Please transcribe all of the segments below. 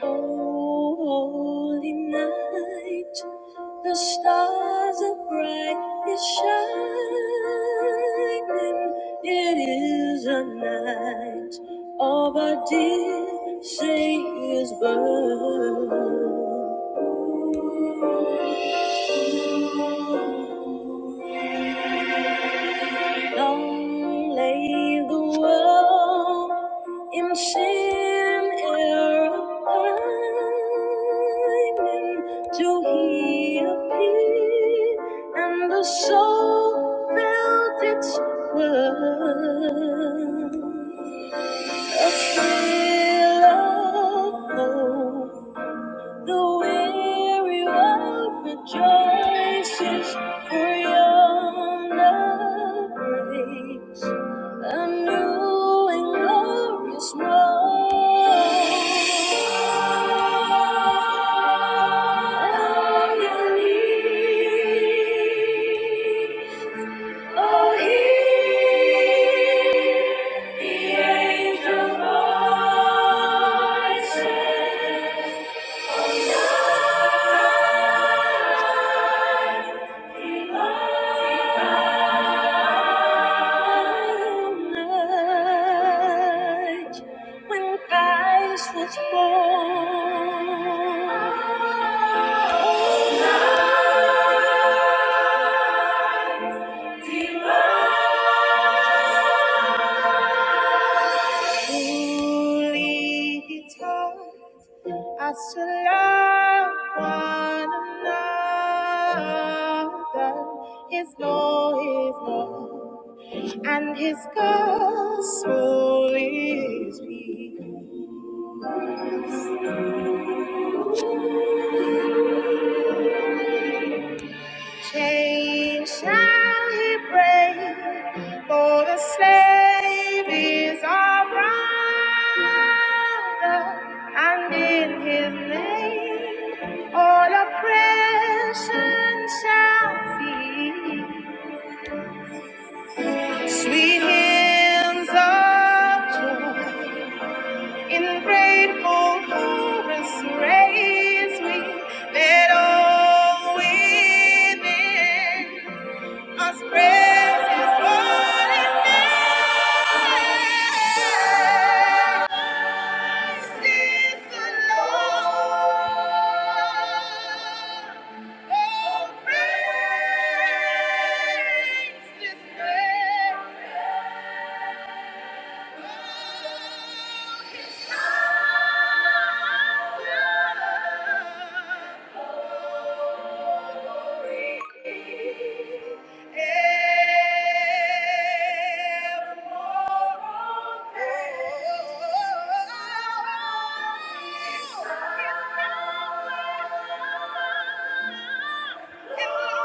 Holy night, the stars are bright, it's shining. It is a night of our dear Savior's birth. Long lay the world in sin error pining till he appeared and the soul felt its worth. A thrill of hope the weary world rejoices for yonder breaks a new and glorious morning. Oh, hear the angel voices. night when Christ was born. Truly he taught us to love one another. His law is love. and his gospel is peace. Chains shall he break, for the slave is our brother, and in his name all oppression shall cease. Sweet hymns of joy in grateful chorus raise we let all within us praise His holy name. Christ is the Lord. Oh, praise His name. Thank you. Oh!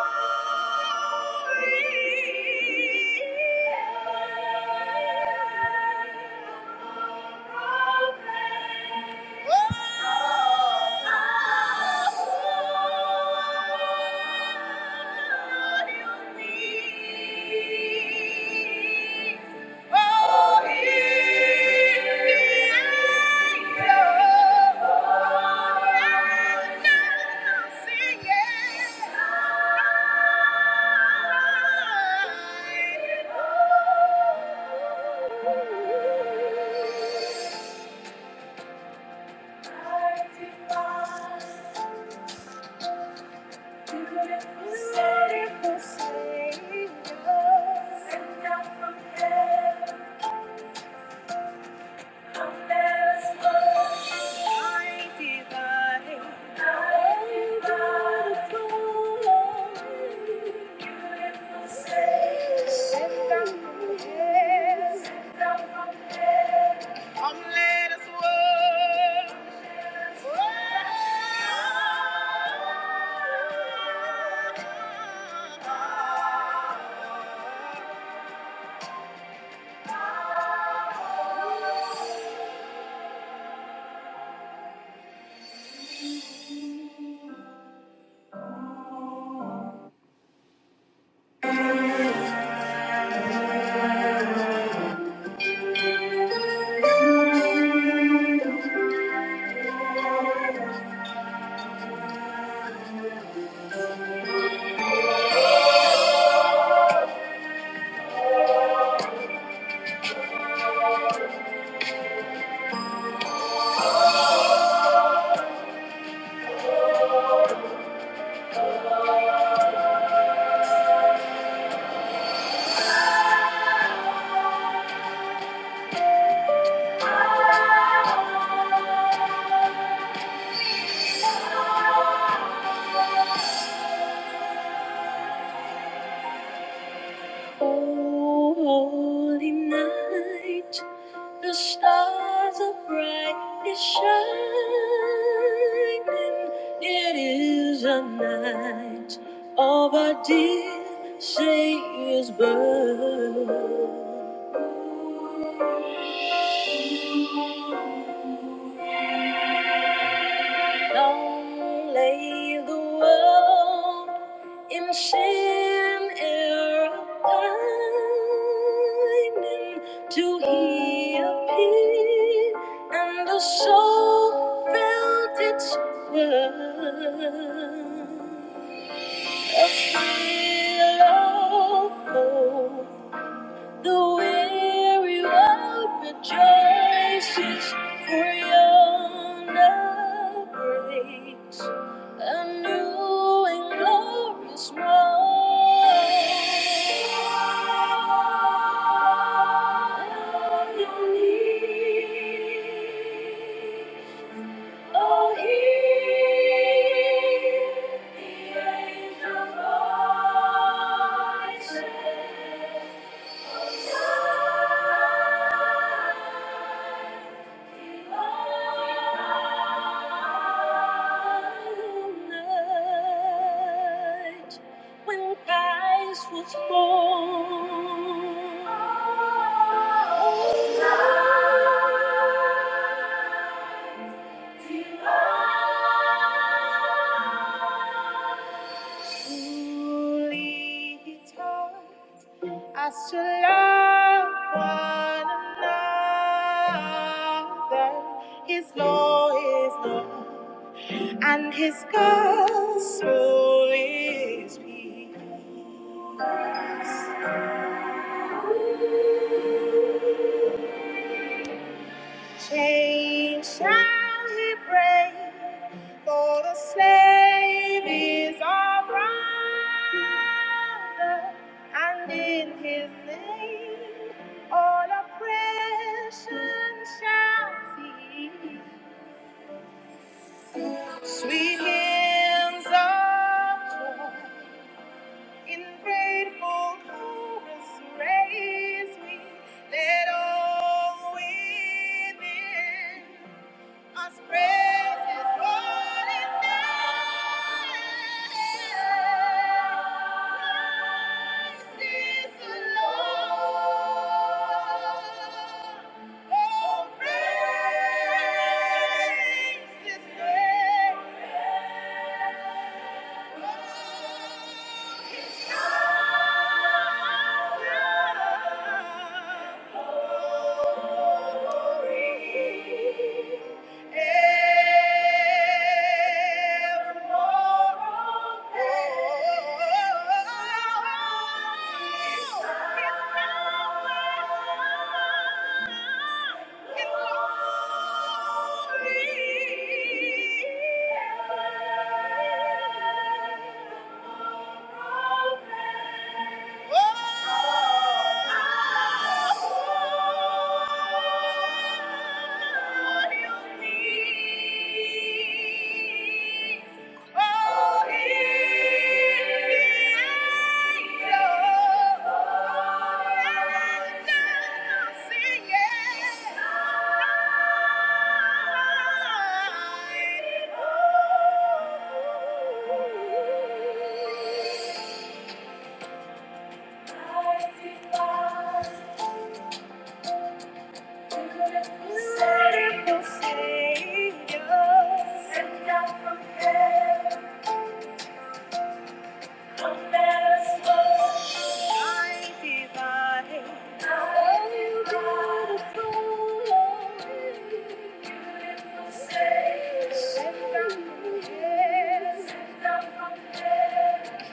Sent down from heaven. Thank you. Holy night, the stars are bright, it's shining. It is a night of our dear Savior's birth. Long lay the world in sin error pining to he appeared, and the soul felt its worth. A feel of hope the weary world rejoices for yonder breaks a new and glorious morning. Oh, hear the angel voices. When Christ was born, truly I still love one another. His law is love, and his gospel is peace. Chains shall he break, for the slave is our brother, and in his name all oppression shall cease. Sweet hymns of joy in grateful chorus raise we, let all within As praise is rolling down, Christ is the Lord. Oh, praise His name. Oh, His love. Thank you. Yeah.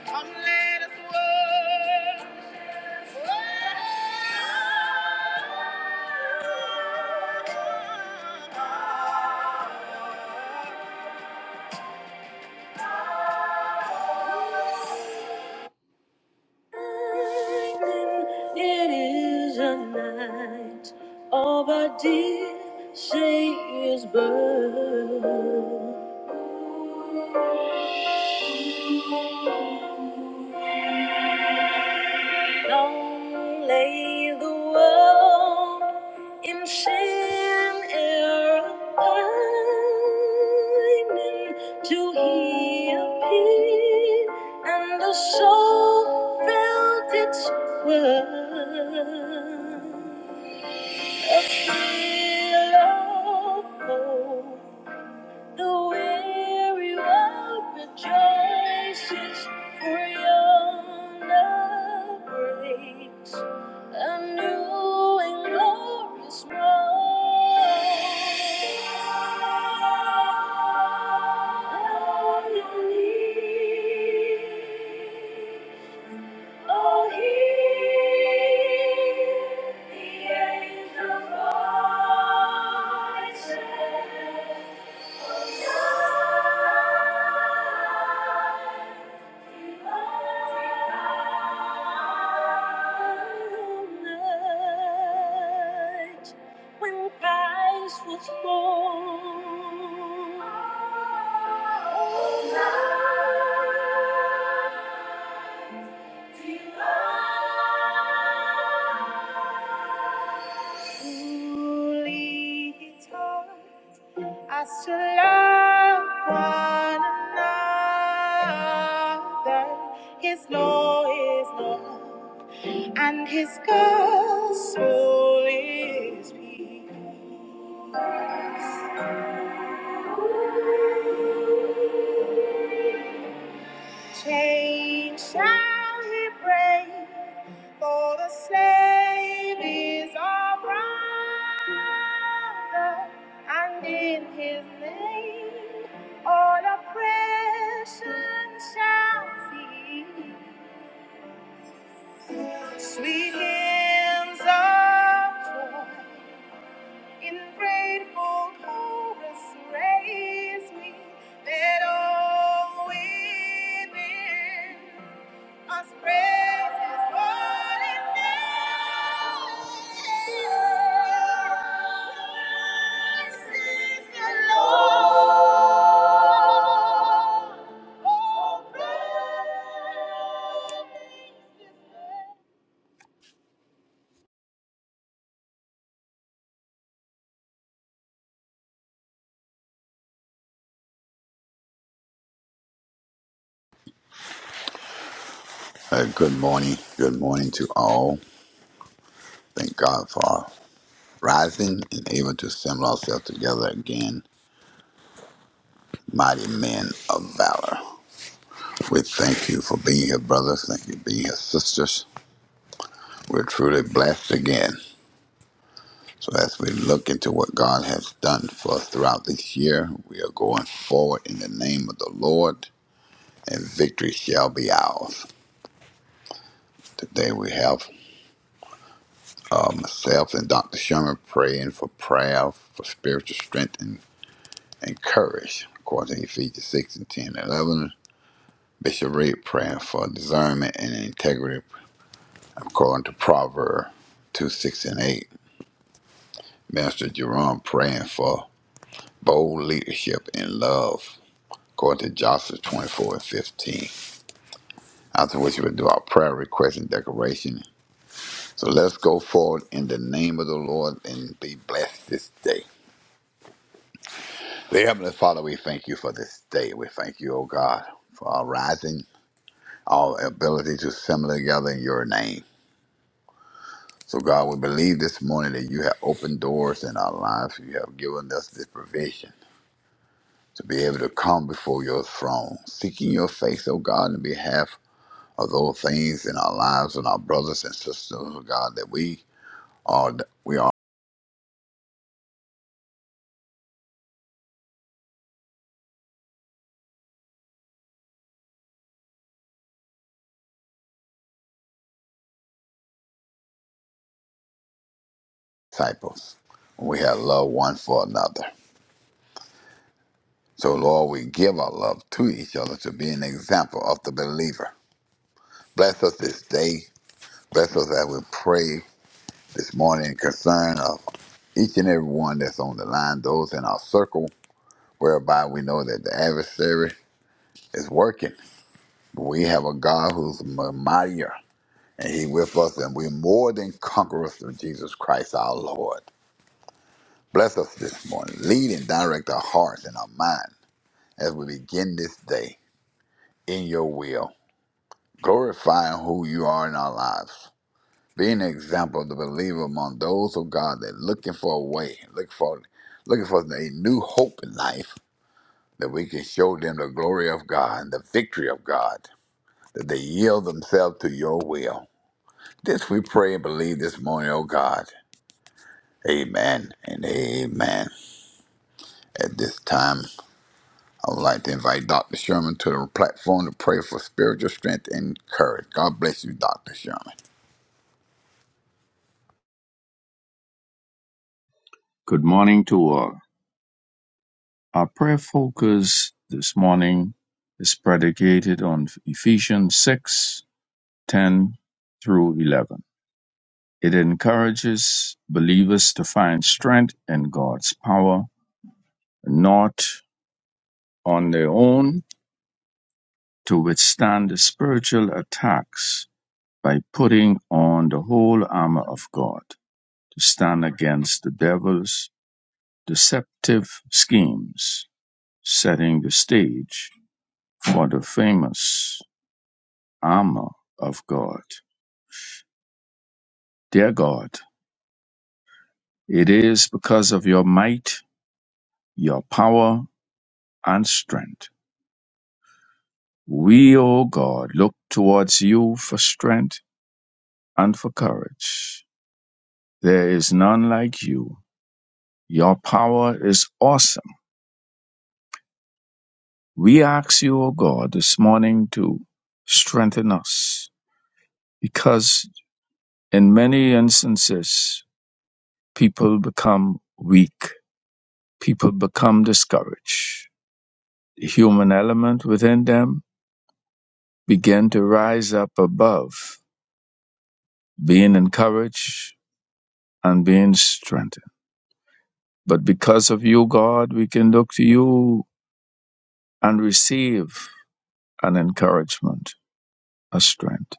Come let us worship. It is a night of a dear Savior's birth. long lay the world in sin error pining to he appeared and the soul felt its worth. A thrill of hope the weary world rejoices, for yonder breaks a new and glorious morn. All you need Oh, hear the angel voices. Oh, night night when Christ was born. Oh, night Holy, he taught us to love one another. His law is love, and his gospel is peace. Chains shall he break, for the slave is our brother, and in his name all oppression shall cease. Sweet hymns of joy in grateful chorus raise we, let all within his praise is burning down. This is the Lord. Oh, praise His name. Uh, good morning. Good morning to all. Thank God for rising and able to assemble ourselves together again. Mighty men of valor. We thank you for being here, brothers. Thank you for being here, sisters. We're truly blessed again. So as we look into what God has done for us throughout this year, we are going forward in the name of the Lord, and victory shall be ours. Today we have uh, myself and Dr. Sherman praying for prayer, for spiritual strength and according to Ephesians 6 and 10 and 11. Bishop Reed praying for discernment and integrity, according to Proverbs 2, 6 and 8. Minister Jerome praying for bold leadership and love, according to Joshua 24 and 15. After which we'll do our prayer request and declaration. So let's go forward in the name of the Lord and be blessed this day. Dear Heavenly Father, we thank you for this day. We thank you, O God, for our rising. our ability to assemble together in your name. So, God, we believe this morning that you have opened doors in our lives. You have given us this provision to be able to come before your throne, seeking your face, oh God, in behalf of those things in our lives and our brothers and sisters, oh God, that we are we are disciples. We have love one for another. So, Lord, we give our love to each other to be an example of the believer. Bless us this day. Bless us as we pray. this morning concern of each and every one that's on the line, those in our circle, whereby we know that the adversary is working. We have a God who's m- mightier, and He with us, and we're more than conquerors through Jesus Christ our Lord. Bless us this morning. Lead and direct our hearts and our mind as we begin this day in your will, glorifying who you are in our lives. Being an example of the believer among those of God that looking for a way, looking for looking for a new hope in life, that we can show them the glory of God and the victory of God, that they yield themselves to your will. This we pray and believe this morning, oh God. Amen and amen. At this time, I would like to invite Dr. Sherman to the platform to pray for spiritual strength and courage. God bless you, Dr. Sherman. Good morning to all. Our prayer focus this morning is predicated on Ephesians 6:10 through 11. It encourages believers to find strength in God's power, not on their own, to withstand the spiritual attacks by putting on the whole armor of God to stand against the devil's deceptive schemes, setting the stage for the famous armor of God. Dear God, it is because of your might, your power, and strength. We, O God, look towards you for strength and for courage. There is none like you. Your power is awesome. We ask you, O God, this morning to strengthen us because in many instances, people become weak. People become discouraged The human element within them began to rise up above, being encouraged and being strengthened. But because of you, God, we can look to you and receive an encouragement, a strength.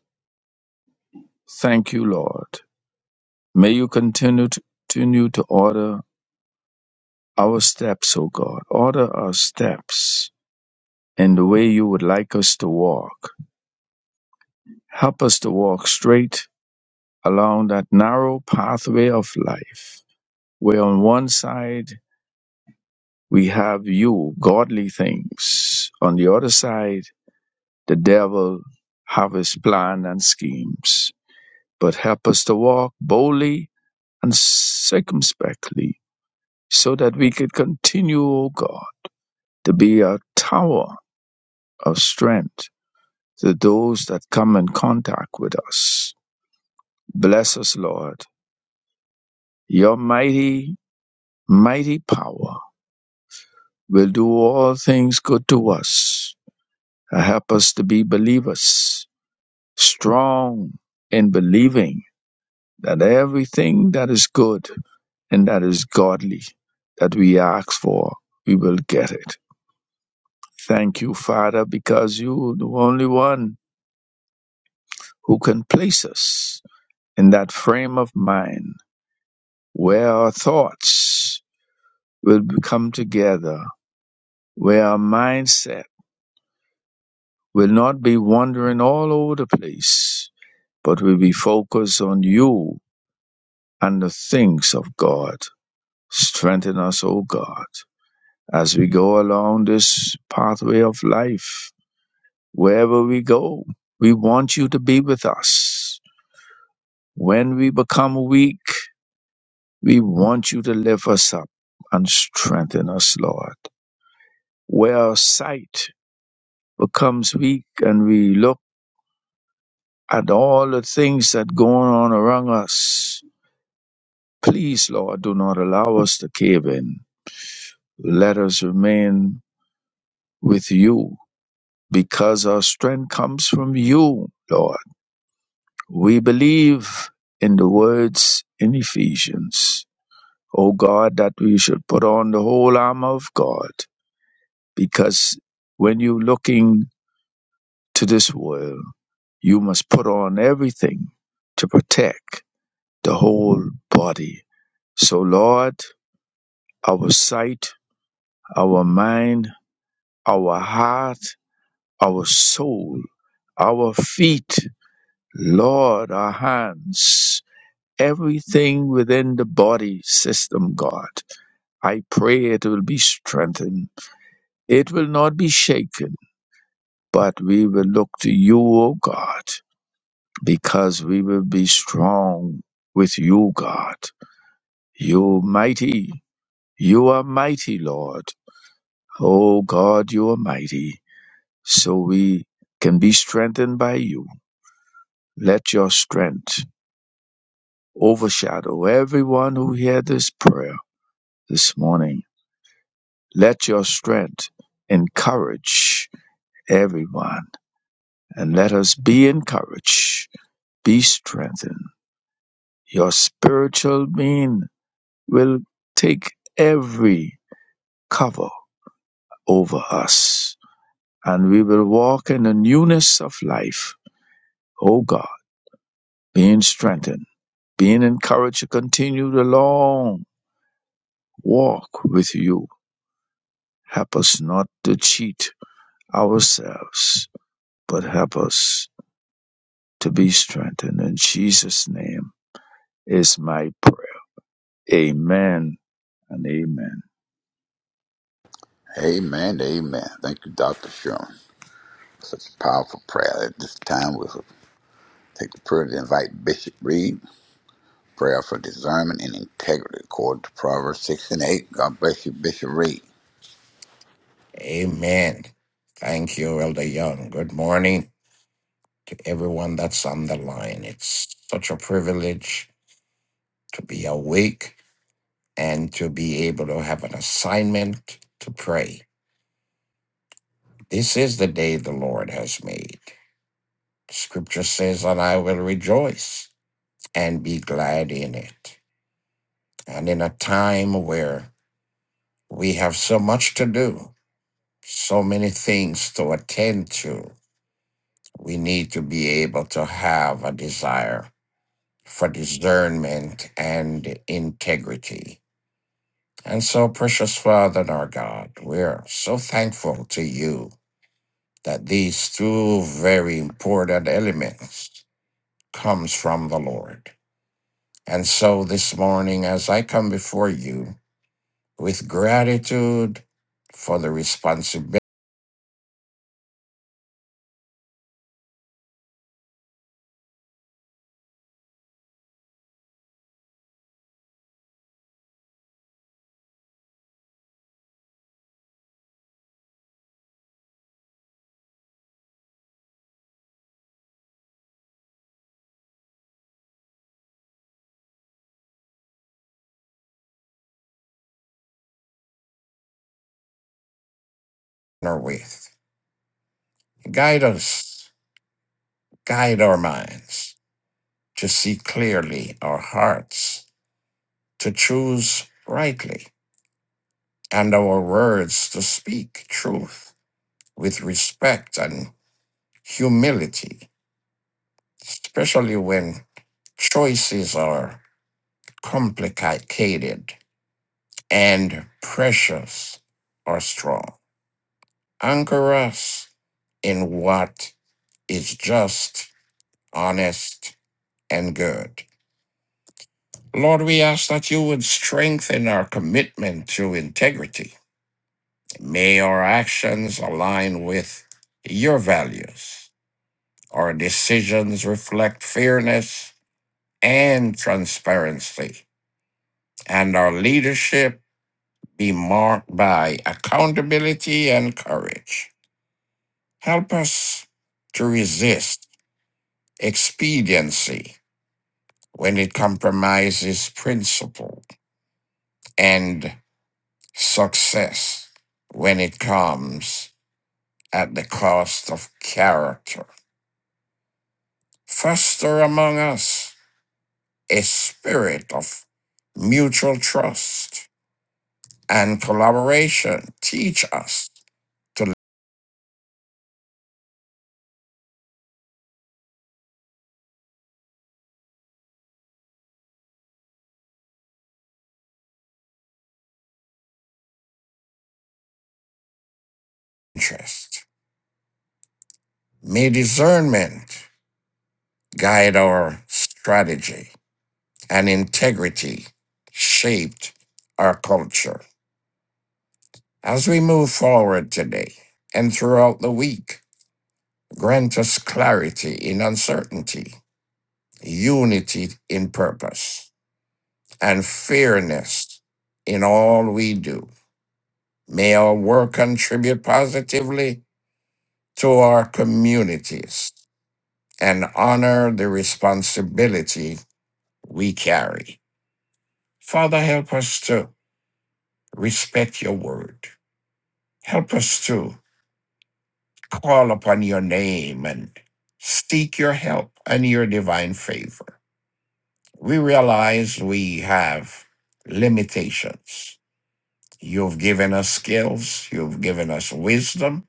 Thank you, Lord. May you continue to, continue to order our steps, O God. Order our steps in the way you would like us to walk. Help us to walk straight along that narrow pathway of life where on one side we have you, godly things. On the other side, the devil have his plan and schemes. But help us to walk boldly and circumspectly so that we could continue, O God, to be a tower of strength to those that come in contact with us. Bless us, Lord. Your mighty, mighty power will do all things good to us Uh, Help us to be believers, strong in believing that everything that is good and that is godly that we ask for, we will get it. Thank you, Father, because you are the only one who can place us in that frame of mind where our thoughts will come together, where our mindset will not be wandering all over the place, but will be focused on you and the things of God. Strengthen us, O God, as we go along this pathway of life. Wherever we go, we want you to be with us. When we become weak, we want you to lift us up and strengthen us, Lord. Where our sight becomes weak and we look at all the things that go on around us, please, Lord, do not allow us to cave in. Let us remain with you because our strength comes from you, Lord. We believe in the words in Ephesians, O God, that we should put on the whole armor of God, because when you're looking to this world, you must put on everything to protect the whole body. So, Lord, our sight, our mind, our heart, our soul, our feet, Lord, our hands. everything within the body system, God. I pray it will be strengthened. It will not be shaken, but we will look to you, O God, because we will be strong with you, God. You mighty. You are mighty, Lord. O God, you are mighty. So we can be strengthened by you. Let your strength overshadow everyone who hear this prayer this morning. Let your strength encourage everyone, and let us be encouraged, be strengthened. Your spiritual being will take every cover over us, and we will walk in the newness of life. O God, being strengthened, being encouraged to continue the long walk with you. Help us not to cheat ourselves, but help us to be strengthened. In Jesus' name is my prayer. Amen and amen. Amen. Amen. Thank you, Dr. Sherman. Such a powerful prayer. At this time, we'll take the prayer to invite Bishop Reed. Prayer for discernment and integrity, according to Proverbs 6 and 8. God bless you, Bishop Reed. Amen. Thank you, Elder Young. Good morning to everyone that's on the line. It's such a privilege to be awake and to be able to have an assignment to pray. This is the day the Lord has made. Scripture says, and I will rejoice and be glad in it. And in a time where we have so much to do, so many things to attend to, we need to be able to have a desire for discernment and integrity. And so, precious Father and our God, we're so thankful to you that these two very important elements comes from the Lord. And so this morning, as I come before you with gratitude for the responsibility we're with, guide us, guide our minds to see clearly, our hearts to choose rightly and our words to speak truth with respect and humility, especially when choices are complicated and pressures are strong. Anchor us in what is just, honest, and good. Lord, we ask that you would strengthen our commitment to integrity. May our actions align with your values Our decisions reflect fairness and transparency, and our leadership be marked by accountability and courage. Help us to resist expediency when it compromises principle and success when it comes at the cost of character. Foster among us a spirit of mutual trust and collaboration teach us to lend interest. May discernment guide our strategy and integrity shaped our culture. As we move forward today and throughout the week, grant us clarity in uncertainty, unity in purpose, and fairness in all we do. May our work contribute positively to our communities and honor the responsibility we carry. Father, help us to respect your word. Help us to call upon your name and seek your help and your divine favor. We realize we have limitations. You've given us skills, you've given us wisdom,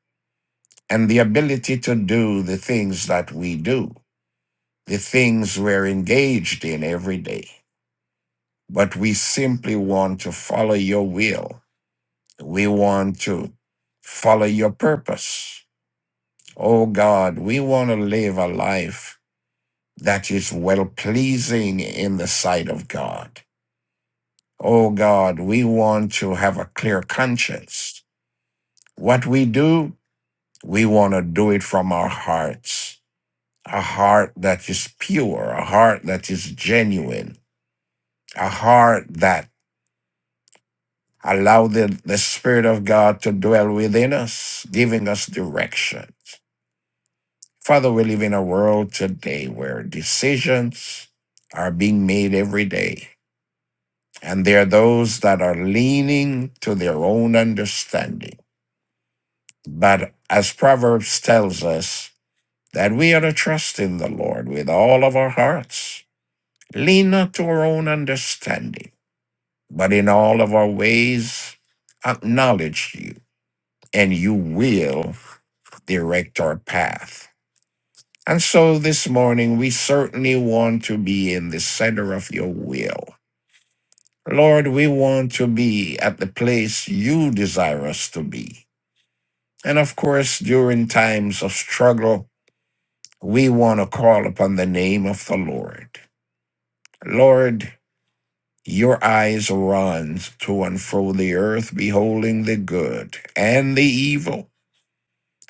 and the ability to do the things that we do, the things we're engaged in every day. but we simply want to follow your will. We want to follow your purpose. Oh God, we want to live a life that is well pleasing in the sight of God. Oh God, we want to have a clear conscience. What we do, we want to do it from our hearts. A heart that is pure, a heart that is genuine, a heart that Allow the, the Spirit of God to dwell within us, giving us directions. Father, we live in a world today where decisions are being made every day, and there are those that are leaning to their own understanding. But as Proverbs tells us, that we are to trust in the Lord with all of our hearts, lean not to our own understanding, but in all of our ways acknowledge you, and you will direct our path. And so this morning, we certainly want to be in the center of your will. Lord, we want to be at the place you desire us to be. And of course, during times of struggle, we want to call upon the name of the Lord. Lord, your eyes run to and fro the earth, beholding the good and the evil.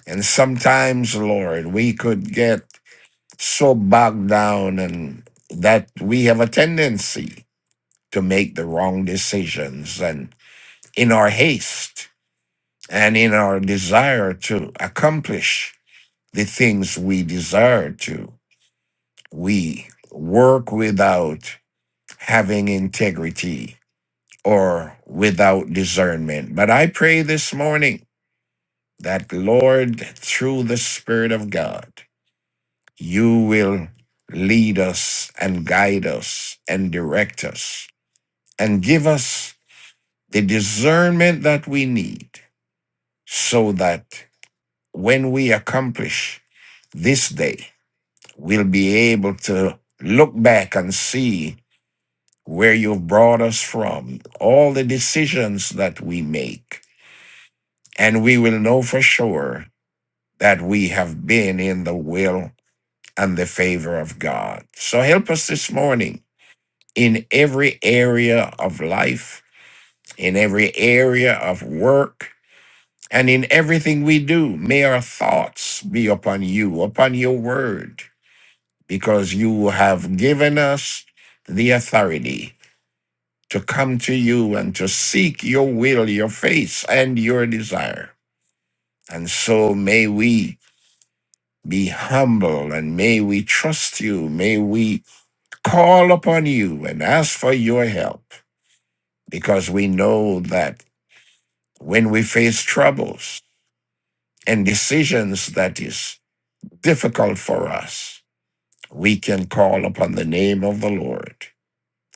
And sometimes, Lord, we could get so bogged down and that we have a tendency to make the wrong decisions and in our haste and in our desire to accomplish the things we desire to we work without having integrity or without discernment but i pray this morning that lord through the spirit of god you will lead us and guide us and direct us and give us the discernment that we need so that when we accomplish this day, we'll be able to look back and see where you've brought us from, all the decisions that we make, and we will know for sure that we have been in the will and the favor of God. So help us this morning in every area of life, in every area of work, and in everything we do. May our thoughts be upon you, upon your word, because you have given us the authority to come to you and to seek your will, your face, and your desire. And so may we be humble and may we trust you. May we call upon you and ask for your help because we know that. when we face troubles and decisions that is difficult for us, we can call upon the name of the Lord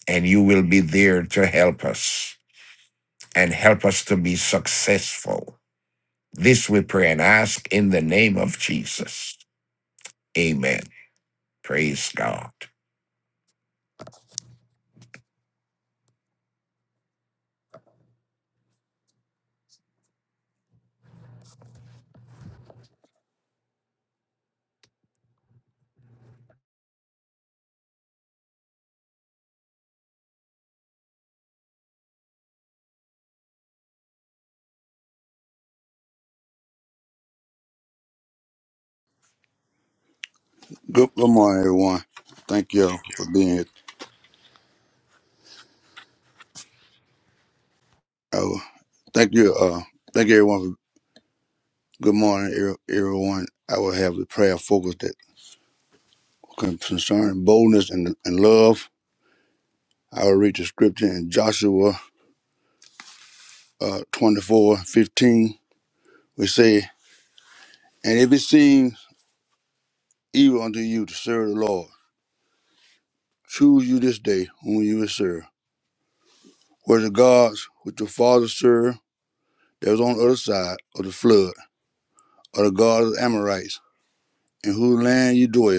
and you will be there to help us and help us to be successful. This we pray and ask in the name of Jesus. Amen. Praise God. Good, good morning, everyone. Thank you all for being here. I will, thank you, uh, thank everyone. For, good morning, er- everyone. I will have the prayer focused that concerning boldness and, and love. I will read the scripture in Joshua uh, 24 fifteen. We say, And if it seems evil unto you to serve the Lord, choose you this day whom you will serve. Whether the gods which your fathers served, that was on the other side of the flood, or the gods of the Amorites, in whose land you dwell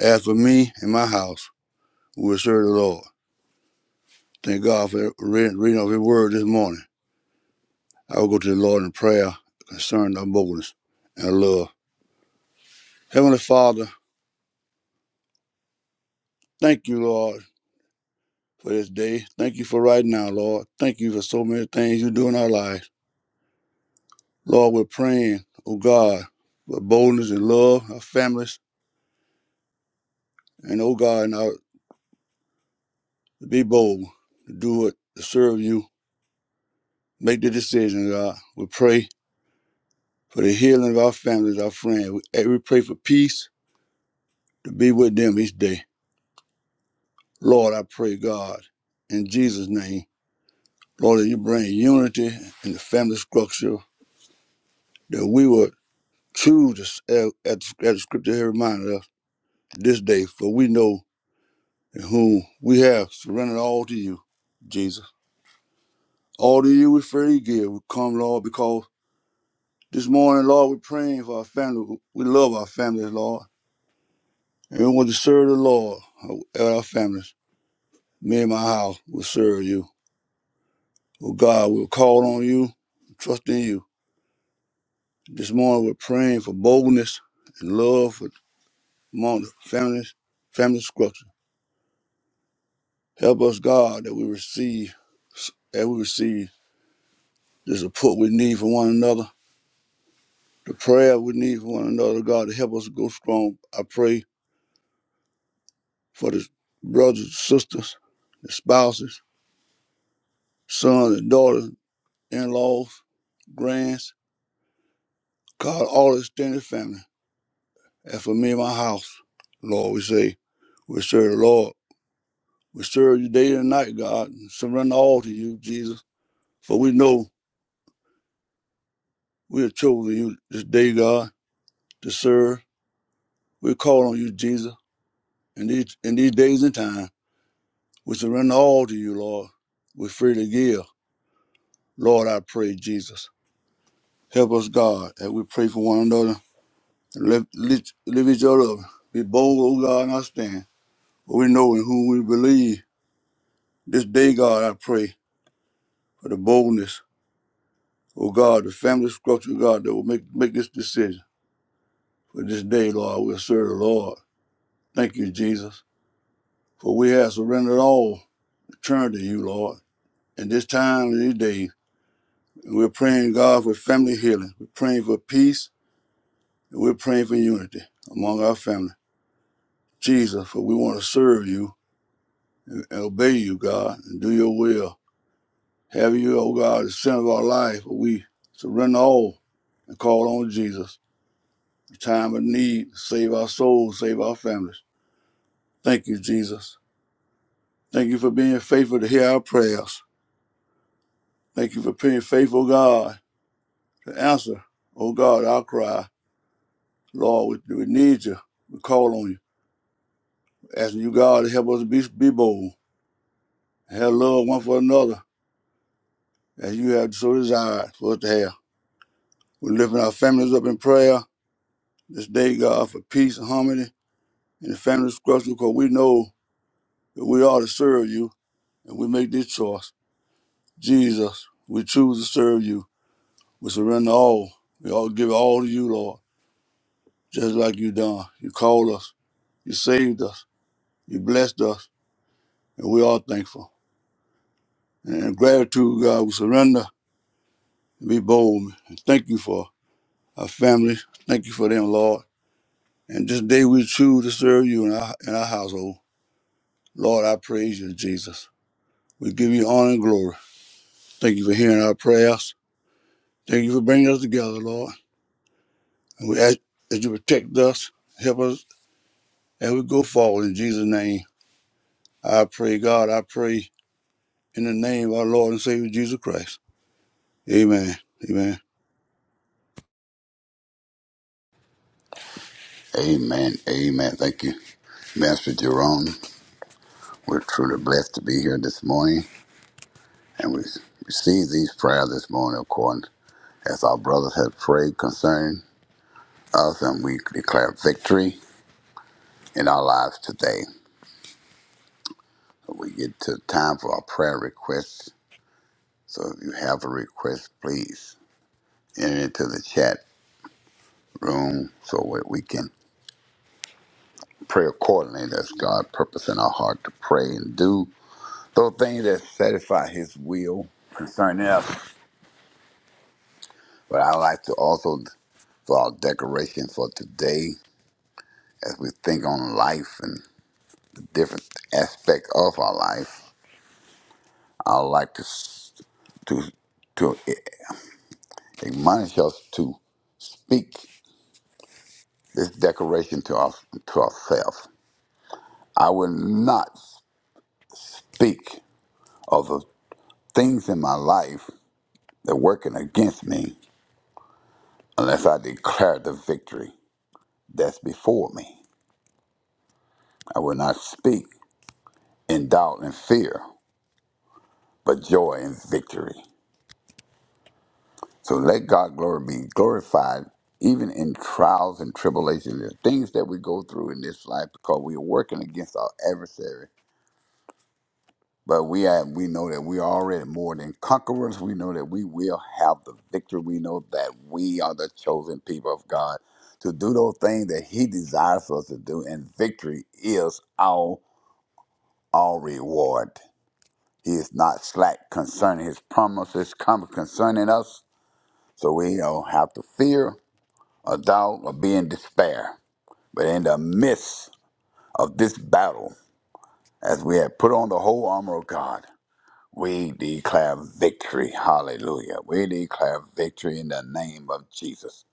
As for me and my house, we will serve the Lord. Thank God for reading, of His Word this morning. I will go to the Lord in prayer concerning our boldness and love. Heavenly Father, thank you, Lord, for this day. Thank you for right now, Lord. Thank you for so many things you do in our lives. Lord, we're praying, oh God, for boldness and love, our families, and oh God, and our, to be bold, to do it, to serve you. Make the decision, God. We pray for the healing of our families, our friends. We, we pray for peace to be with them each day. Lord, I pray, God, in Jesus' name, Lord, that you bring unity in the family structure, that we would choose as, the scripture here reminded us this day, for we know in whom we have surrendered all to you, Jesus. All to you we freely give. We come, Lord, because this morning, Lord, we're praying for our family. We love our families, Lord. And we want to serve the Lord uh, at our families. Me and my house will serve you. Oh God, we'll call on you, trust in you. This morning we're praying for boldness and love for among the families, family structure. Help us, God, that we receive that we receive the support we need for one another, the prayer we need for one another, God, to help us go strong. I pray for the brothers, sisters, the spouses, sons and daughters, in-laws, grands, God, all extended family. As for me and my house, Lord, we say, we serve the Lord. We serve you day and night, God, and surrender all to you, Jesus. For we know we have chosen you this day, God, to serve. We call on you, Jesus, in these, in these days and time. We surrender all to you, Lord. We freely give. Lord, I pray, Jesus. Help us, God, as we pray for one another and lift, lift, lift each other up. Be bold, O God, and I stand. But we know in whom we believe. This day, God, I pray for the boldness Oh God, the family structure, God, that will make, make this decision. For this day, Lord, we'll serve the Lord. Thank you, Jesus. For we have surrendered all, turned to you, Lord. And this time, and these days, we're praying, God, for family healing. We're praying for peace, and we're praying for unity among our family. Jesus, for we want to serve you and obey you, God, and do your will. Have you, oh God, the center of our life. For we surrender all and call on Jesus. The time of need, save our souls, save our families. Thank you, Jesus. Thank you for being faithful to hear our prayers. Thank you for being faithful, oh God, to answer, oh God, our cry. Lord, we, we need you. We call on you. Asking you, God, to help us be, be bold, have love one for another, as you have so desired for us to have. We're lifting our families up in prayer this day, God, for peace and harmony in the family structure, because we know that we are to serve you, and we make this choice. Jesus, we choose to serve you. We surrender all. We all give it all to you, Lord, just like you done. You called us. You saved us. You blessed us. And we are thankful. And in gratitude, God, we surrender and be bold. And thank you for our family. Thank you for them, Lord. And this day we choose to serve you in our, in our household. Lord, I praise you, Jesus. We give you honor and glory. Thank you for hearing our prayers. Thank you for bringing us together, Lord. And we ask that you protect us, help us as we go forward in Jesus' name. I pray, God, I pray in the name of our Lord and Savior Jesus Christ. Amen. Amen. Amen. Amen. Thank you, Master Jerome. We're truly blessed to be here this morning, and we receive these prayers this morning, according as our brothers have prayed concerning us, and we declare victory in our lives today. We get to the time for our prayer requests. So if you have a request, please. enter into the chat room so that we can pray accordingly as God purpose in our heart to pray and do those things that satisfy His will concerning us. But I like to also for our decoration for today as we think on life and the different aspect of our life. I would like to s- to to admonish us to speak this decoration to our to ourselves. I will not speak of the things in my life that working against me unless I declare the victory that's before me. I will not speak in doubt and fear, but joy and victory. So let God glory be glorified even in trials and tribulations, the things that we go through in this life because we are working against our adversary But we are, we know that we are already more than conquerors. We know that we will have the victory. We know that we are the chosen people of God to do those things that He desires us to do, and victory is our our reward. He is not slack concerning His promises come concerning us, so we don't have to fear or doubt or be in despair. But in the midst of this battle, as we have put on the whole armor of God, We declare victory. Hallelujah. We declare victory in the name of Jesus.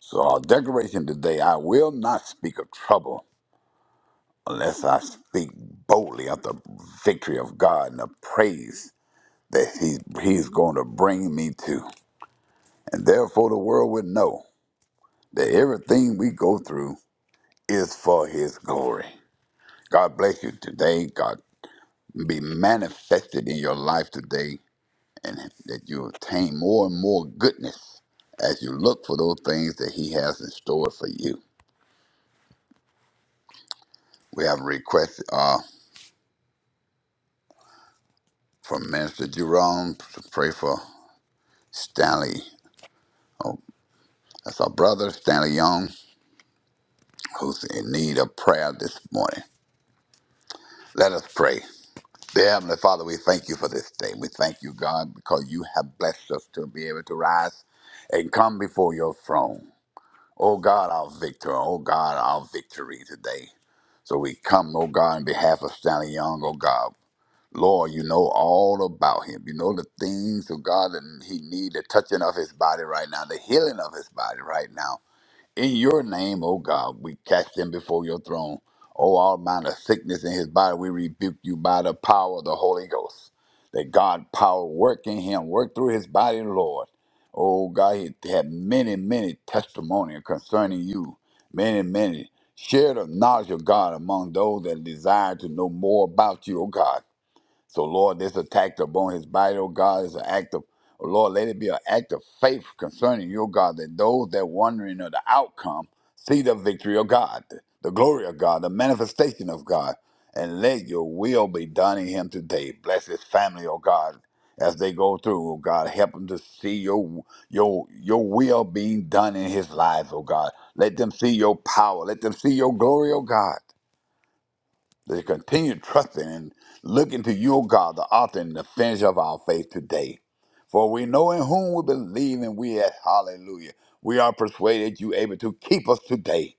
So, our declaration today I will not speak of trouble unless I speak boldly of the victory of God and the praise that He's, he's going to bring me to. And therefore, the world would know that everything we go through is for His glory. God bless you today. God be manifested in your life today and that that you obtain more and more goodness as you look for those things that He has in store for you. We have a request uh, from Minister Jerome to pray for Stanley. Oh, that's our brother, Stanley Young, who's in need of prayer this morning. Let us pray. Dear Heavenly Father, we thank you for this day. We thank you, God, because you have blessed us to be able to rise and come before your throne. O God, our victor. O God, our victory today. So we come, O God, in behalf of Stanley Young, O God. Lord, you know all about him. You know the things, O God, that he need, the touching of his body right now, the healing of his body right now. In your name, O God, we cast him before your throne. O all manner of sickness in his body, we rebuke you by the power of the Holy Ghost. That God power work in him, work through his body, Lord. Oh God, he had many, many testimony concerning you. Many, many. Share the knowledge of God among those that desire to know more about you, O God. So, Lord, this attack upon his body, oh God, is an act of, oh Lord, let it be an act of faith concerning you, oh God, that those that wondering of the outcome see the victory of God, the glory of God, the manifestation of God, and let your will be done in him today. Bless his family, oh God, as they go through, oh God. Help them to see your your your will being done in his life, oh God. Let them see your power. Let them see your glory, oh God. Let us continue trusting and looking to you, O God, the author and the finisher of our faith today. For we know in whom we believe, and we at hallelujah. We are persuaded you able to keep us today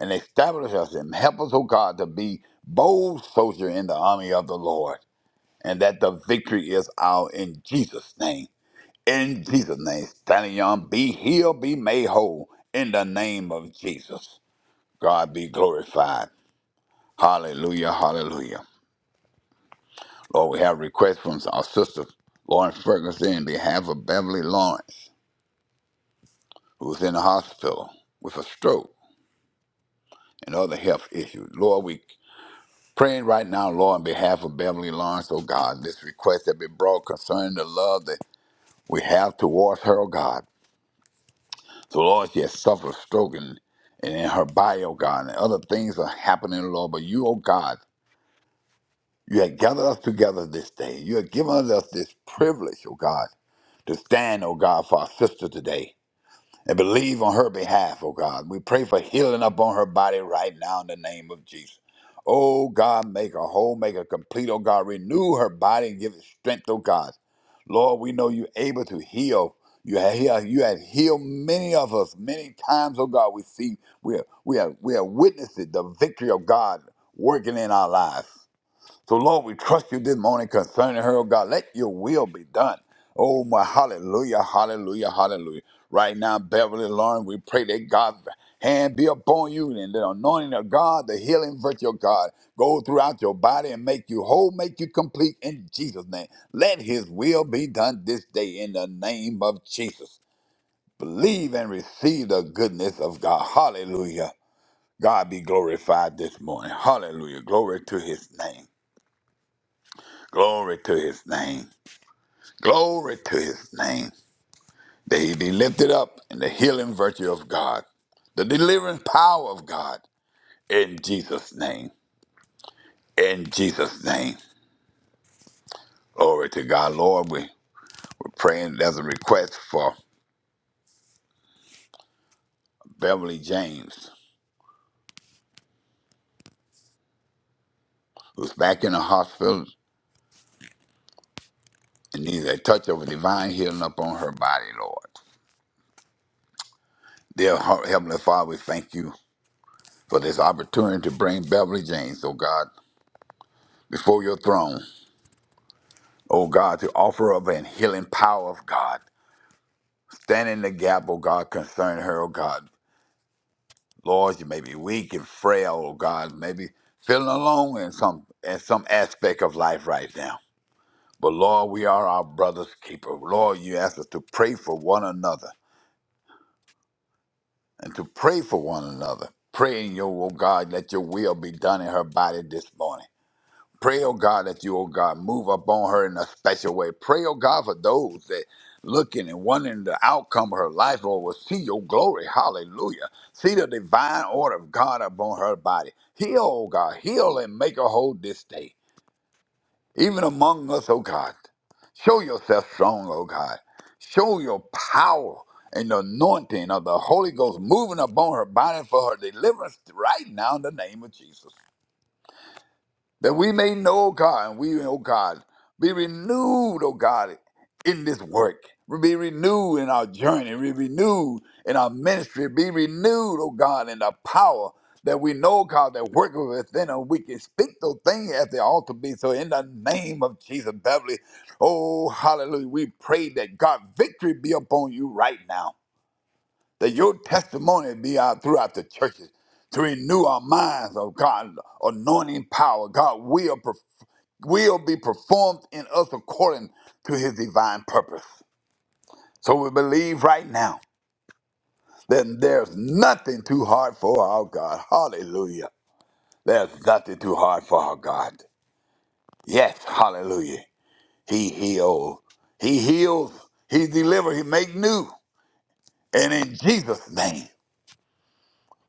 and establish us and help us, O God, to be bold soldier in the army of the Lord, and that the victory is our in Jesus' name. In Jesus' name, standing on, be healed, be made whole in the name of Jesus. God be glorified. Hallelujah, hallelujah. Lord, we have requests from our sister Lawrence Ferguson in behalf of Beverly Lawrence, who's in the hospital with a stroke and other health issues. Lord, we praying right now, Lord, on behalf of Beverly Lawrence, oh God, this request that be brought concerning the love that we have towards her, oh God. So Lord, she has suffered stroke and, and in her body, oh God, and other things are happening, Lord. But you, oh God, you have gathered us together this day. You have given us this privilege, oh God, to stand, oh God, for our sister today. and believe on her behalf, oh God. We pray for healing upon her body right now in the name of Jesus. Oh God, make her whole, make her complete, oh God. Renew her body and give it strength, oh God. Lord, we know you're able to heal. You have healed, you have healed many of us many times, oh God. We see we have, we have we have witnessed it, the victory of God working in our lives. So, Lord, we trust you this morning concerning her, oh God. Let your will be done. Oh, my hallelujah, hallelujah, hallelujah. Right now, Beverly Lauren, we pray that God's hand be upon you and the anointing of God, the healing virtue of God, go throughout your body and make you whole, make you complete in Jesus' name. Let his will be done this day in the name of Jesus. Believe and receive the goodness of God. Hallelujah. God be glorified this morning. Hallelujah. Glory to his name. Glory to his name. Glory to his name. That he be lifted up in the healing virtue of God, the delivering power of God in Jesus' name. In Jesus' name. Glory to God. Lord, we, we're praying. There's a request for Beverly James, who's back in the hospital and needs a touch of divine healing upon her body, Lord. Dear Heart- Heavenly Father, we thank you for this opportunity to bring Beverly James, oh God, before your throne. oh God, to offer up and healing power of God. Stand in the gap, oh God, concerning her, oh God. Lord, you may be weak and frail, oh God, maybe feeling alone in some in some aspect of life right now. But Lord, we are our brother's keeper. Lord, you ask us to pray for one another and to pray for one another. Praying your, oh God, let your will be done in her body this morning. Pray, oh God, that you, oh God, move upon her in a special way. Pray, oh God, for those that looking and wondering the outcome of her life, Lord, will see your glory. Hallelujah. See the divine order of God upon her body. Heal, oh God, heal and make her whole this day. Even among us, oh God. Show yourself strong, oh God. Show your power and the anointing of the Holy Ghost moving upon her body for her deliverance right now in the name of Jesus that we may know, O God, and we, O God, be renewed, O God, in this work. Be renewed in our journey. Be renewed in our ministry. Be renewed, O God, in the power that we know, God, that work within us. We can speak those things at the altar be. So in the name of Jesus, Beverly, oh, hallelujah, we pray that God, victory be upon you right now. That your testimony be out throughout the churches to renew our minds, oh God, anointing power, God will, will be performed in us according to his divine purpose. So we believe right now that there's nothing too hard for our God. Hallelujah. There's nothing too hard for our God. Yes, hallelujah. He heals. He heals. He delivers. He makes new. And in Jesus' name,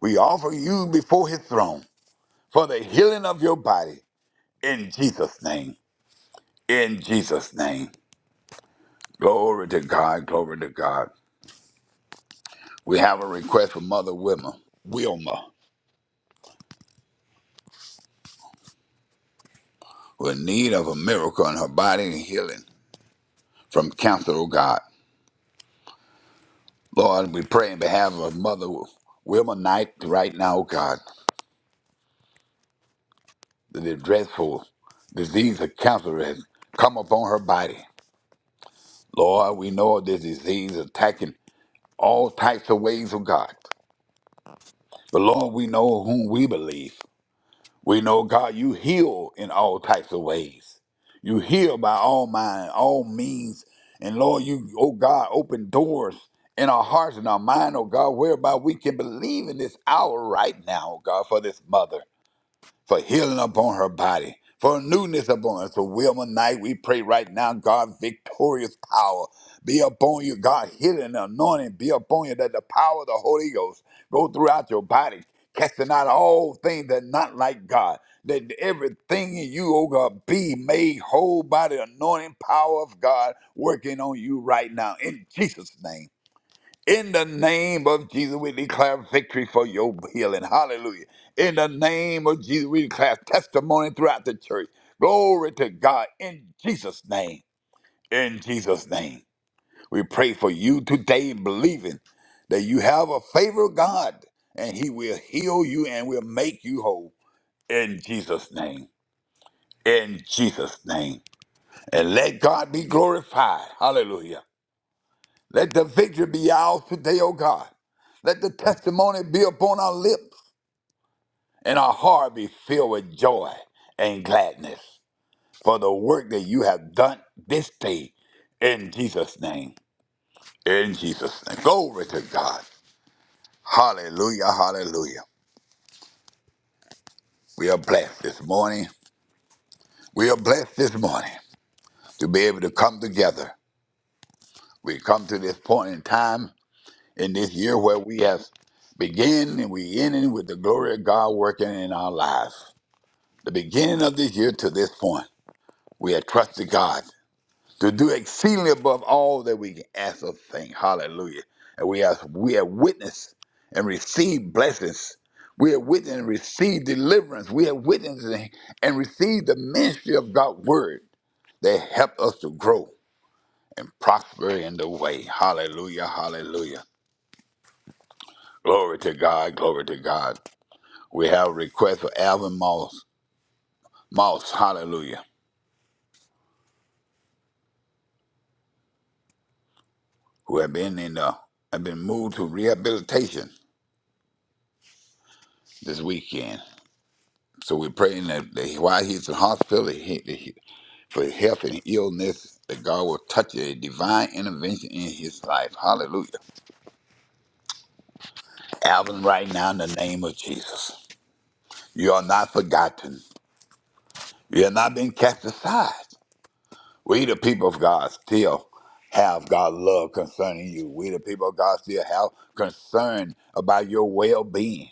we offer you before his throne for the healing of your body. In Jesus' name. In Jesus' name. Glory to God. Glory to God. We have a request for Mother Wilma, Wilma, who in need of a miracle in her body and healing from cancer, oh God. Lord, we pray in behalf of Mother Wilma Knight right now, oh God, that the dreadful disease of cancer has come upon her body. Lord, we know of this disease attacking all types of ways, oh God. But Lord, we know whom we believe. We know, God, you heal in all types of ways. You heal by all mind, all means. And Lord, you, oh God, open doors in our hearts and our mind, oh God, whereby we can believe in this hour right now, oh God, for this mother for healing upon her body, for newness upon us. So, Wilma Knight, we pray right now, God, victorious power be upon you, God, healing and anointing be upon you, that the power of the Holy Ghost go throughout your body, casting out all things that are not like God. That everything in you, oh God, be made whole by the anointing power of God working on you right now in Jesus' name. In the name of Jesus, we declare victory for your healing. Hallelujah. In the name of Jesus, we declare testimony throughout the church. Glory to God in Jesus' name. In Jesus' name. We pray for you today, believing that you have a favor of God and He will heal you and will make you whole. In Jesus' name. In Jesus' name. And let God be glorified. Hallelujah. Let the victory be ours today, O God. Let the testimony be upon our lips and our heart be filled with joy and gladness for the work that you have done this day in Jesus' name. In Jesus' name. Glory to God. Hallelujah. Hallelujah. We are blessed this morning. We are blessed this morning to be able to come together. We come to this point in time in this year where we have begun and we ending with the glory of God working in our lives. the beginning of this year to this point, we have trusted God to do exceedingly above all that we can ask or think. Hallelujah. And we have we have witnessed and received blessings. We have witnessed and received deliverance. We have witnessed and and received the ministry of God's word that helped us to grow and prosper in the way. Hallelujah. Hallelujah. Glory to God. Glory to God. We have a request for Alvin Moss. Moss. Hallelujah. who have been in uh, have been moved to rehabilitation this weekend. So we're praying that, that while he's in hospital he, that he- for health and illness, that God will touch a divine intervention in his life. Hallelujah. Alvin, right now in the name of Jesus, you are not forgotten. You have not been cast aside. We, the people of God, still have God's love concerning you. We, the people of God, still have concern about your well being.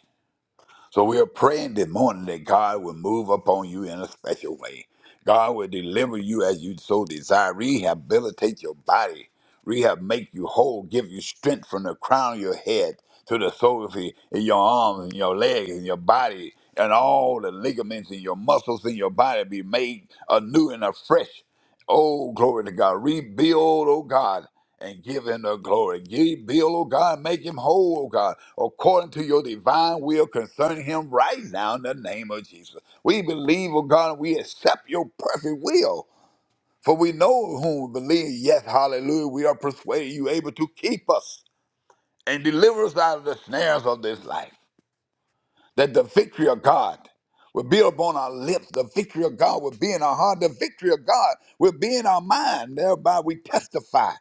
So we are praying this morning that God will move upon you in a special way. God will deliver you as you so desire, rehabilitate your body, rehab, make you whole, give you strength from the crown of your head to the sole of your in your arms and your legs and your body and all the ligaments and your muscles in your body be made anew and afresh. Oh, glory to God. Rebuild, oh God and give him the glory. Ye Bill, O God, make him whole, O God, according to your divine will concerning him right now in the name of Jesus. We believe, O God, and we accept your perfect will. For we know whom we believe. Yes, hallelujah. We are persuaded you able to keep us and deliver us out of the snares of this life. That the victory of God will be upon our lips. The victory of God will be in our heart. The victory of God will be in our mind. Thereby we testify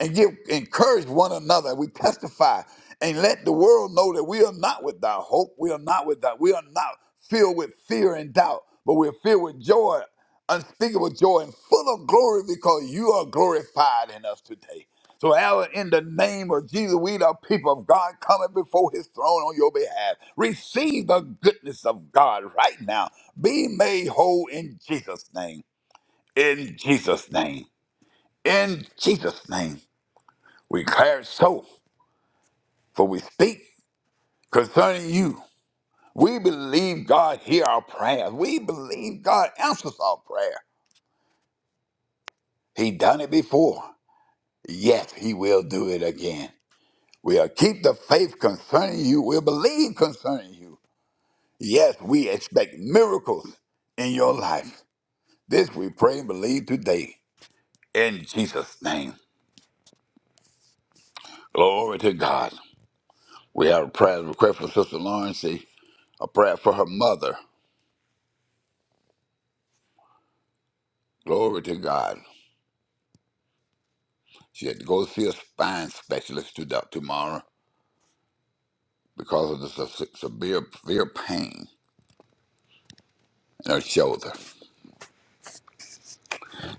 and give encourage one another. We testify and let the world know that we are not without hope. We are not without. We are not filled with fear and doubt, but we're filled with joy, unspeakable joy, and full of glory because you are glorified in us today. So, Alan, in the name of Jesus, we the people of God coming before his throne on your behalf. Receive the goodness of God right now. Be made whole in Jesus' name. In Jesus' name. In Jesus' name. We declare it so, for we speak concerning you. We believe God hear our prayers. We believe God answers our prayer. He done it before. Yes, he will do it again. We'll keep the faith concerning you. We'll believe concerning you. Yes, we expect miracles in your life. This we pray and believe today in Jesus' name. Glory to God. We have a prayer request for Sister Lauren. See, a prayer for her mother. Glory to God. She had to go see a spine specialist to doc- tomorrow because of the se- severe, severe pain in her shoulder.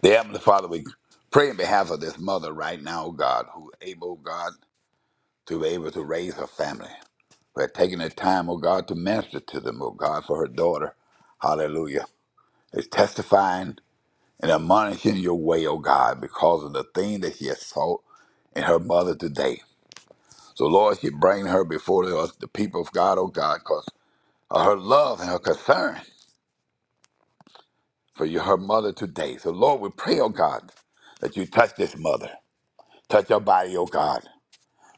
Dear Heavenly Father, we pray in behalf of this mother right now, oh God, who able, God, to be able to raise her family. We're taking the time, oh God, to minister to them, oh God, for her daughter. Hallelujah. Is testifying and admonishing your way, oh God, because of the thing that she has saw in her mother today. So, Lord, she bring her before us, the people of God, oh God, uh, her love and her concern for your, her mother today. So, Lord, we pray, oh God, that you touch this mother. Touch her body, oh God.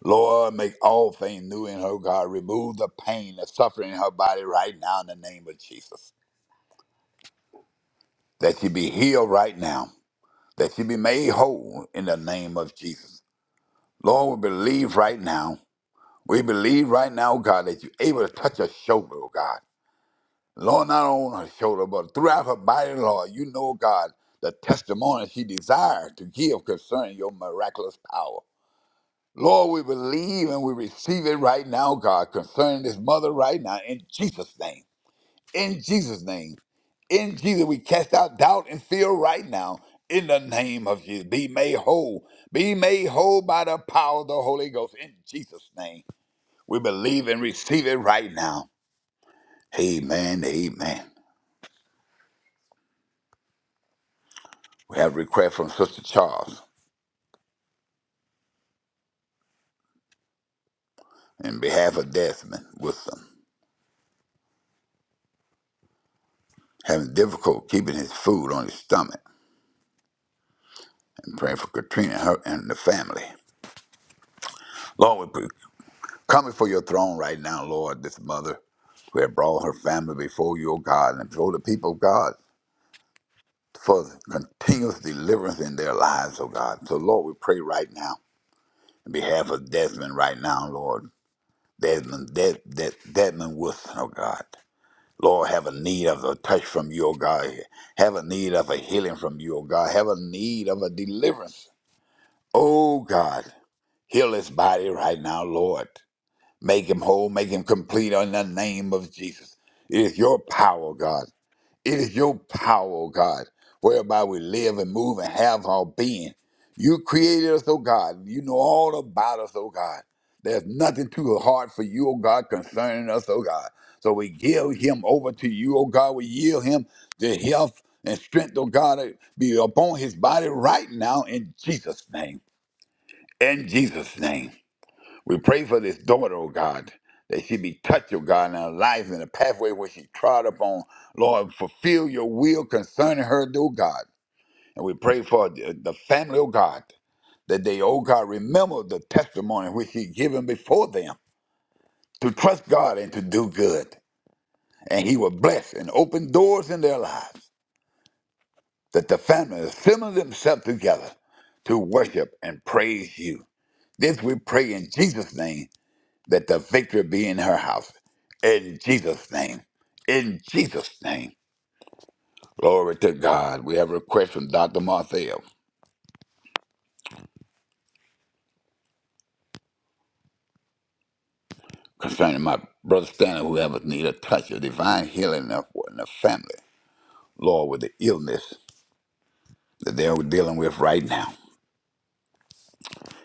Lord, make all things new in her, oh God. Remove the pain, the suffering in her body right now in the name of Jesus. That she be healed right now. That she be made whole in the name of Jesus. Lord, we believe right now. We believe right now, oh God, that you're able to touch her shoulder, oh God. Lord, not on her shoulder, but throughout her body, Lord, you know, God, the testimony she desires to give concerning your miraculous power. Lord, we believe and we receive it right now, God, concerning this mother right now, in Jesus' name. In Jesus' name. In Jesus, we cast out doubt and fear right now. In the name of Jesus, be made whole. Be made whole by the power of the Holy Ghost. In Jesus' name, we believe and receive it right now. Amen. Amen. We have a request from Sister Charles in behalf of Desmond Wilson, having difficulty keeping his food on his stomach, and praying for Katrina and, her, and the family. Lord, we come before your throne right now, Lord, this mother who have brought her family before you, O God, and before the people of God for continuous deliverance in their lives, O God. So, Lord, we pray right now in behalf of Desmond right now, Lord. Desmond, Des, Des, Desmond Wilson, oh God. Lord, have a need of a touch from you, O God. Have a need of a healing from you, O God. Have a need of a deliverance. Oh God, heal his body right now, Lord. Make him whole, make him complete in the name of Jesus. It is your power, God. It is your power, O God, whereby we live and move and have our being. You created us, O God. You know all about us, O God. There's nothing too hard for you, O God, concerning us, O God. So we give him over to you, O God. We yield him the health and strength, O God, be upon his body right now in Jesus' name. In Jesus' name. We pray for this daughter, oh God, that she be touched, oh God, in her life and the pathway where she trod upon. Lord, fulfill your will concerning her, oh God. And we pray for the the family, oh God, that they, oh God, remember the testimony which she given before them to trust God and to do good. And he will bless and open doors in their lives, that the family assemble themselves together to worship and praise you. This we pray in Jesus' name that the victory be in her house. In Jesus' name. In Jesus' name. Glory to God. We have a request from Dr. Marthel concerning my brother Stanley, who have need a touch of divine healing in the in the family. Lord, with the illness that they're dealing with right now.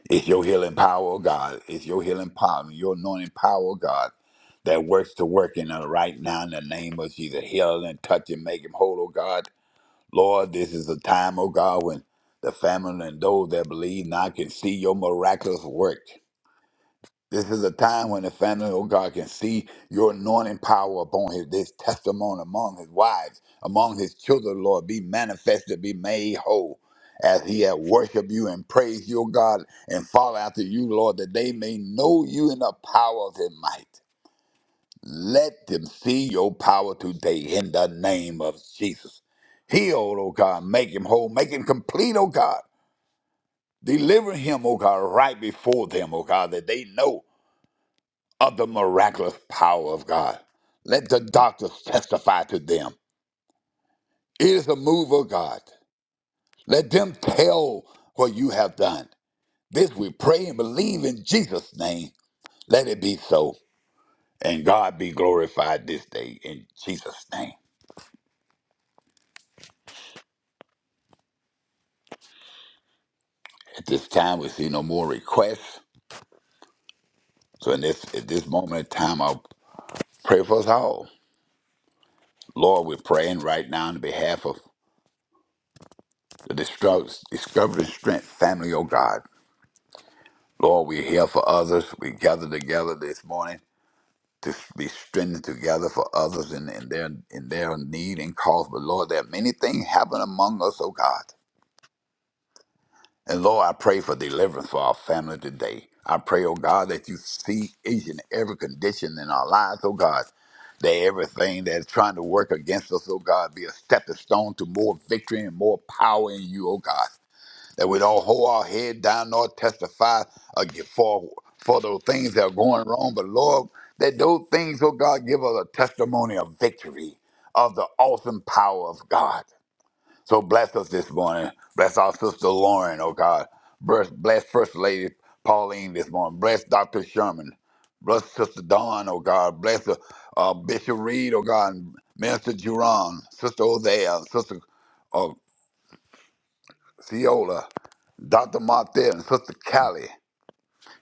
It's your healing power, oh God. It's your healing power, your anointing power, oh God, that works to work in her right now in the name of Jesus. Heal and touch and make him whole, oh God. Lord, this is a time, O God, when the family and those that believe now can see your miraculous work. This is a time when the family, oh God, can see your anointing power upon his this testimony among his wives, among his children, Lord, be manifested, be made whole. As he had worshiped you and praised your God and follow after you, Lord, that they may know you in the power of his might. Let them see your power today in the name of Jesus. Heal, oh God. Make him whole. Make him complete, oh God. Deliver him, oh God, right before them, oh God, that they know of the miraculous power of God. Let the doctors testify to them. It is a move of God. Let them tell what you have done. This we pray and believe in Jesus' name. Let it be so. And God be glorified this day in Jesus' name. At this time, we see no more requests. So in this at this moment in time, I'll pray for us all. Lord, we're praying right now on behalf of the Distro- Discovery Strength family, oh God. Lord, we're here for others. We gather together this morning to be strengthened together for others in, in their in their need and cause. But Lord, there are many things happen among us, oh God. And Lord, I pray for deliverance for our family today. I pray, oh God, that you see each and every condition in our lives, oh God. That everything that's trying to work against us, oh God, be a stepping stone to more victory and more power in you, oh God. That we don't hold our head down nor testify again for, for those things that are going wrong. But Lord, that those things, oh God, give us a testimony of victory, of the awesome power of God. So bless us this morning. Bless our sister Lauren, oh God. Bless, bless First Lady Pauline this morning. Bless Dr. Sherman. Bless Sister Dawn, oh God. Bless uh, uh, Bishop Reed, oh God. And Minister Juron, Sister Hosea, Sister uh, Ciola, Dr. Martin, Sister Callie.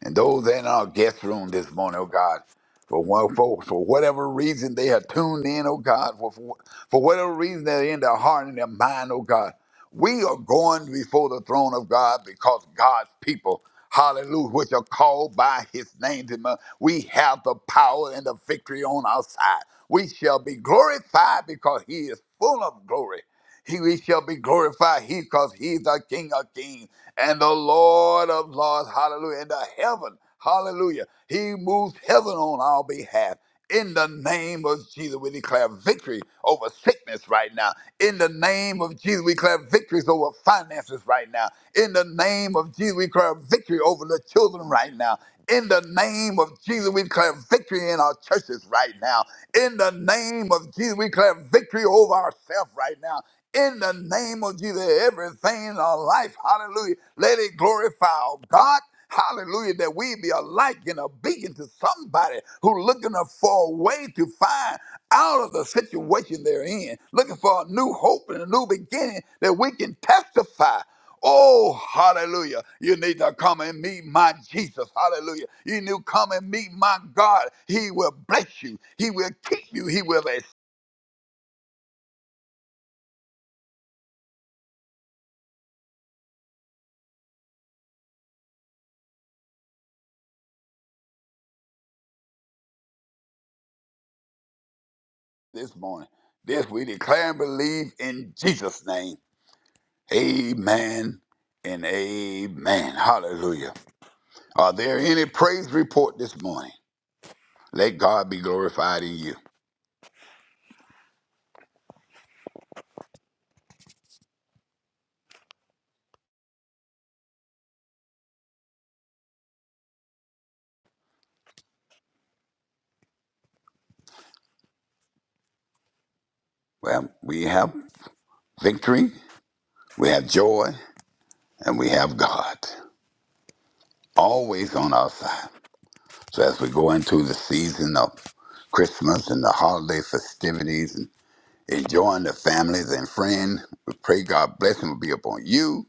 And those in our guest room this morning, oh God, for, one, for, for whatever reason they are tuned in, oh God, for, for, for whatever reason they're in their heart and their mind, oh God, we are going before the throne of God because God's people, hallelujah, which are called by his name, to mo- we have the power and the victory on our side. We shall be glorified because he is full of glory. He, we shall be glorified he because he's the King of kings and the Lord of Lords, hallelujah, into heaven, hallelujah. He moved heaven on our behalf. In the name of Jesus, we declare victory over sickness right now. In the name of Jesus, we declare victories over finances right now. In the name of Jesus, we declare victory over the children right now. In the name of Jesus, we declare victory in our churches right now. In the name of Jesus, we declare victory over ourselves right now in the name of Jesus. Everything in our life, hallelujah, let it glorify our God. Hallelujah, that we be a light and a beacon to somebody who looking for a way to find out of the situation they're in, looking for a new hope and a new beginning that we can testify Oh, hallelujah. You need to come and meet my Jesus. Hallelujah. You need to come and meet my God. He will bless you. He will keep you. He will this morning. This we declare and believe in Jesus' name. Amen and amen. Hallelujah. Are there any praise report this morning? Let God be glorified in you. Well, we have victory, we have joy, and we have God always on our side. So as we go into the season of Christmas and the holiday festivities and enjoying the families and friends, we pray God blessing will be upon you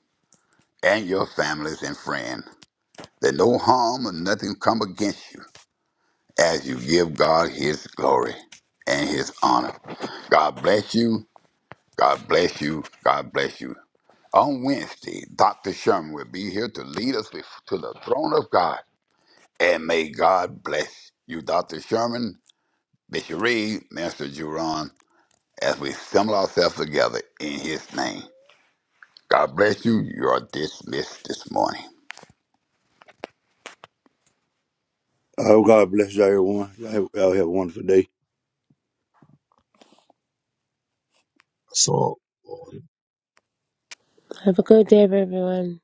and your families and friends. that no harm or nothing come against you as you give God his glory and his honor. God bless you. God bless you. God bless you. On Wednesday, Dr. Sherman will be here to lead us bef- to the throne of God. And may God bless you, Dr. Sherman, Bishop Reed, Master Juron, as we assemble ourselves together in his name. God bless you. You are dismissed this morning. I hope God bless you, everyone. Y'all have, y'all have a wonderful day. So Have a good day, everyone.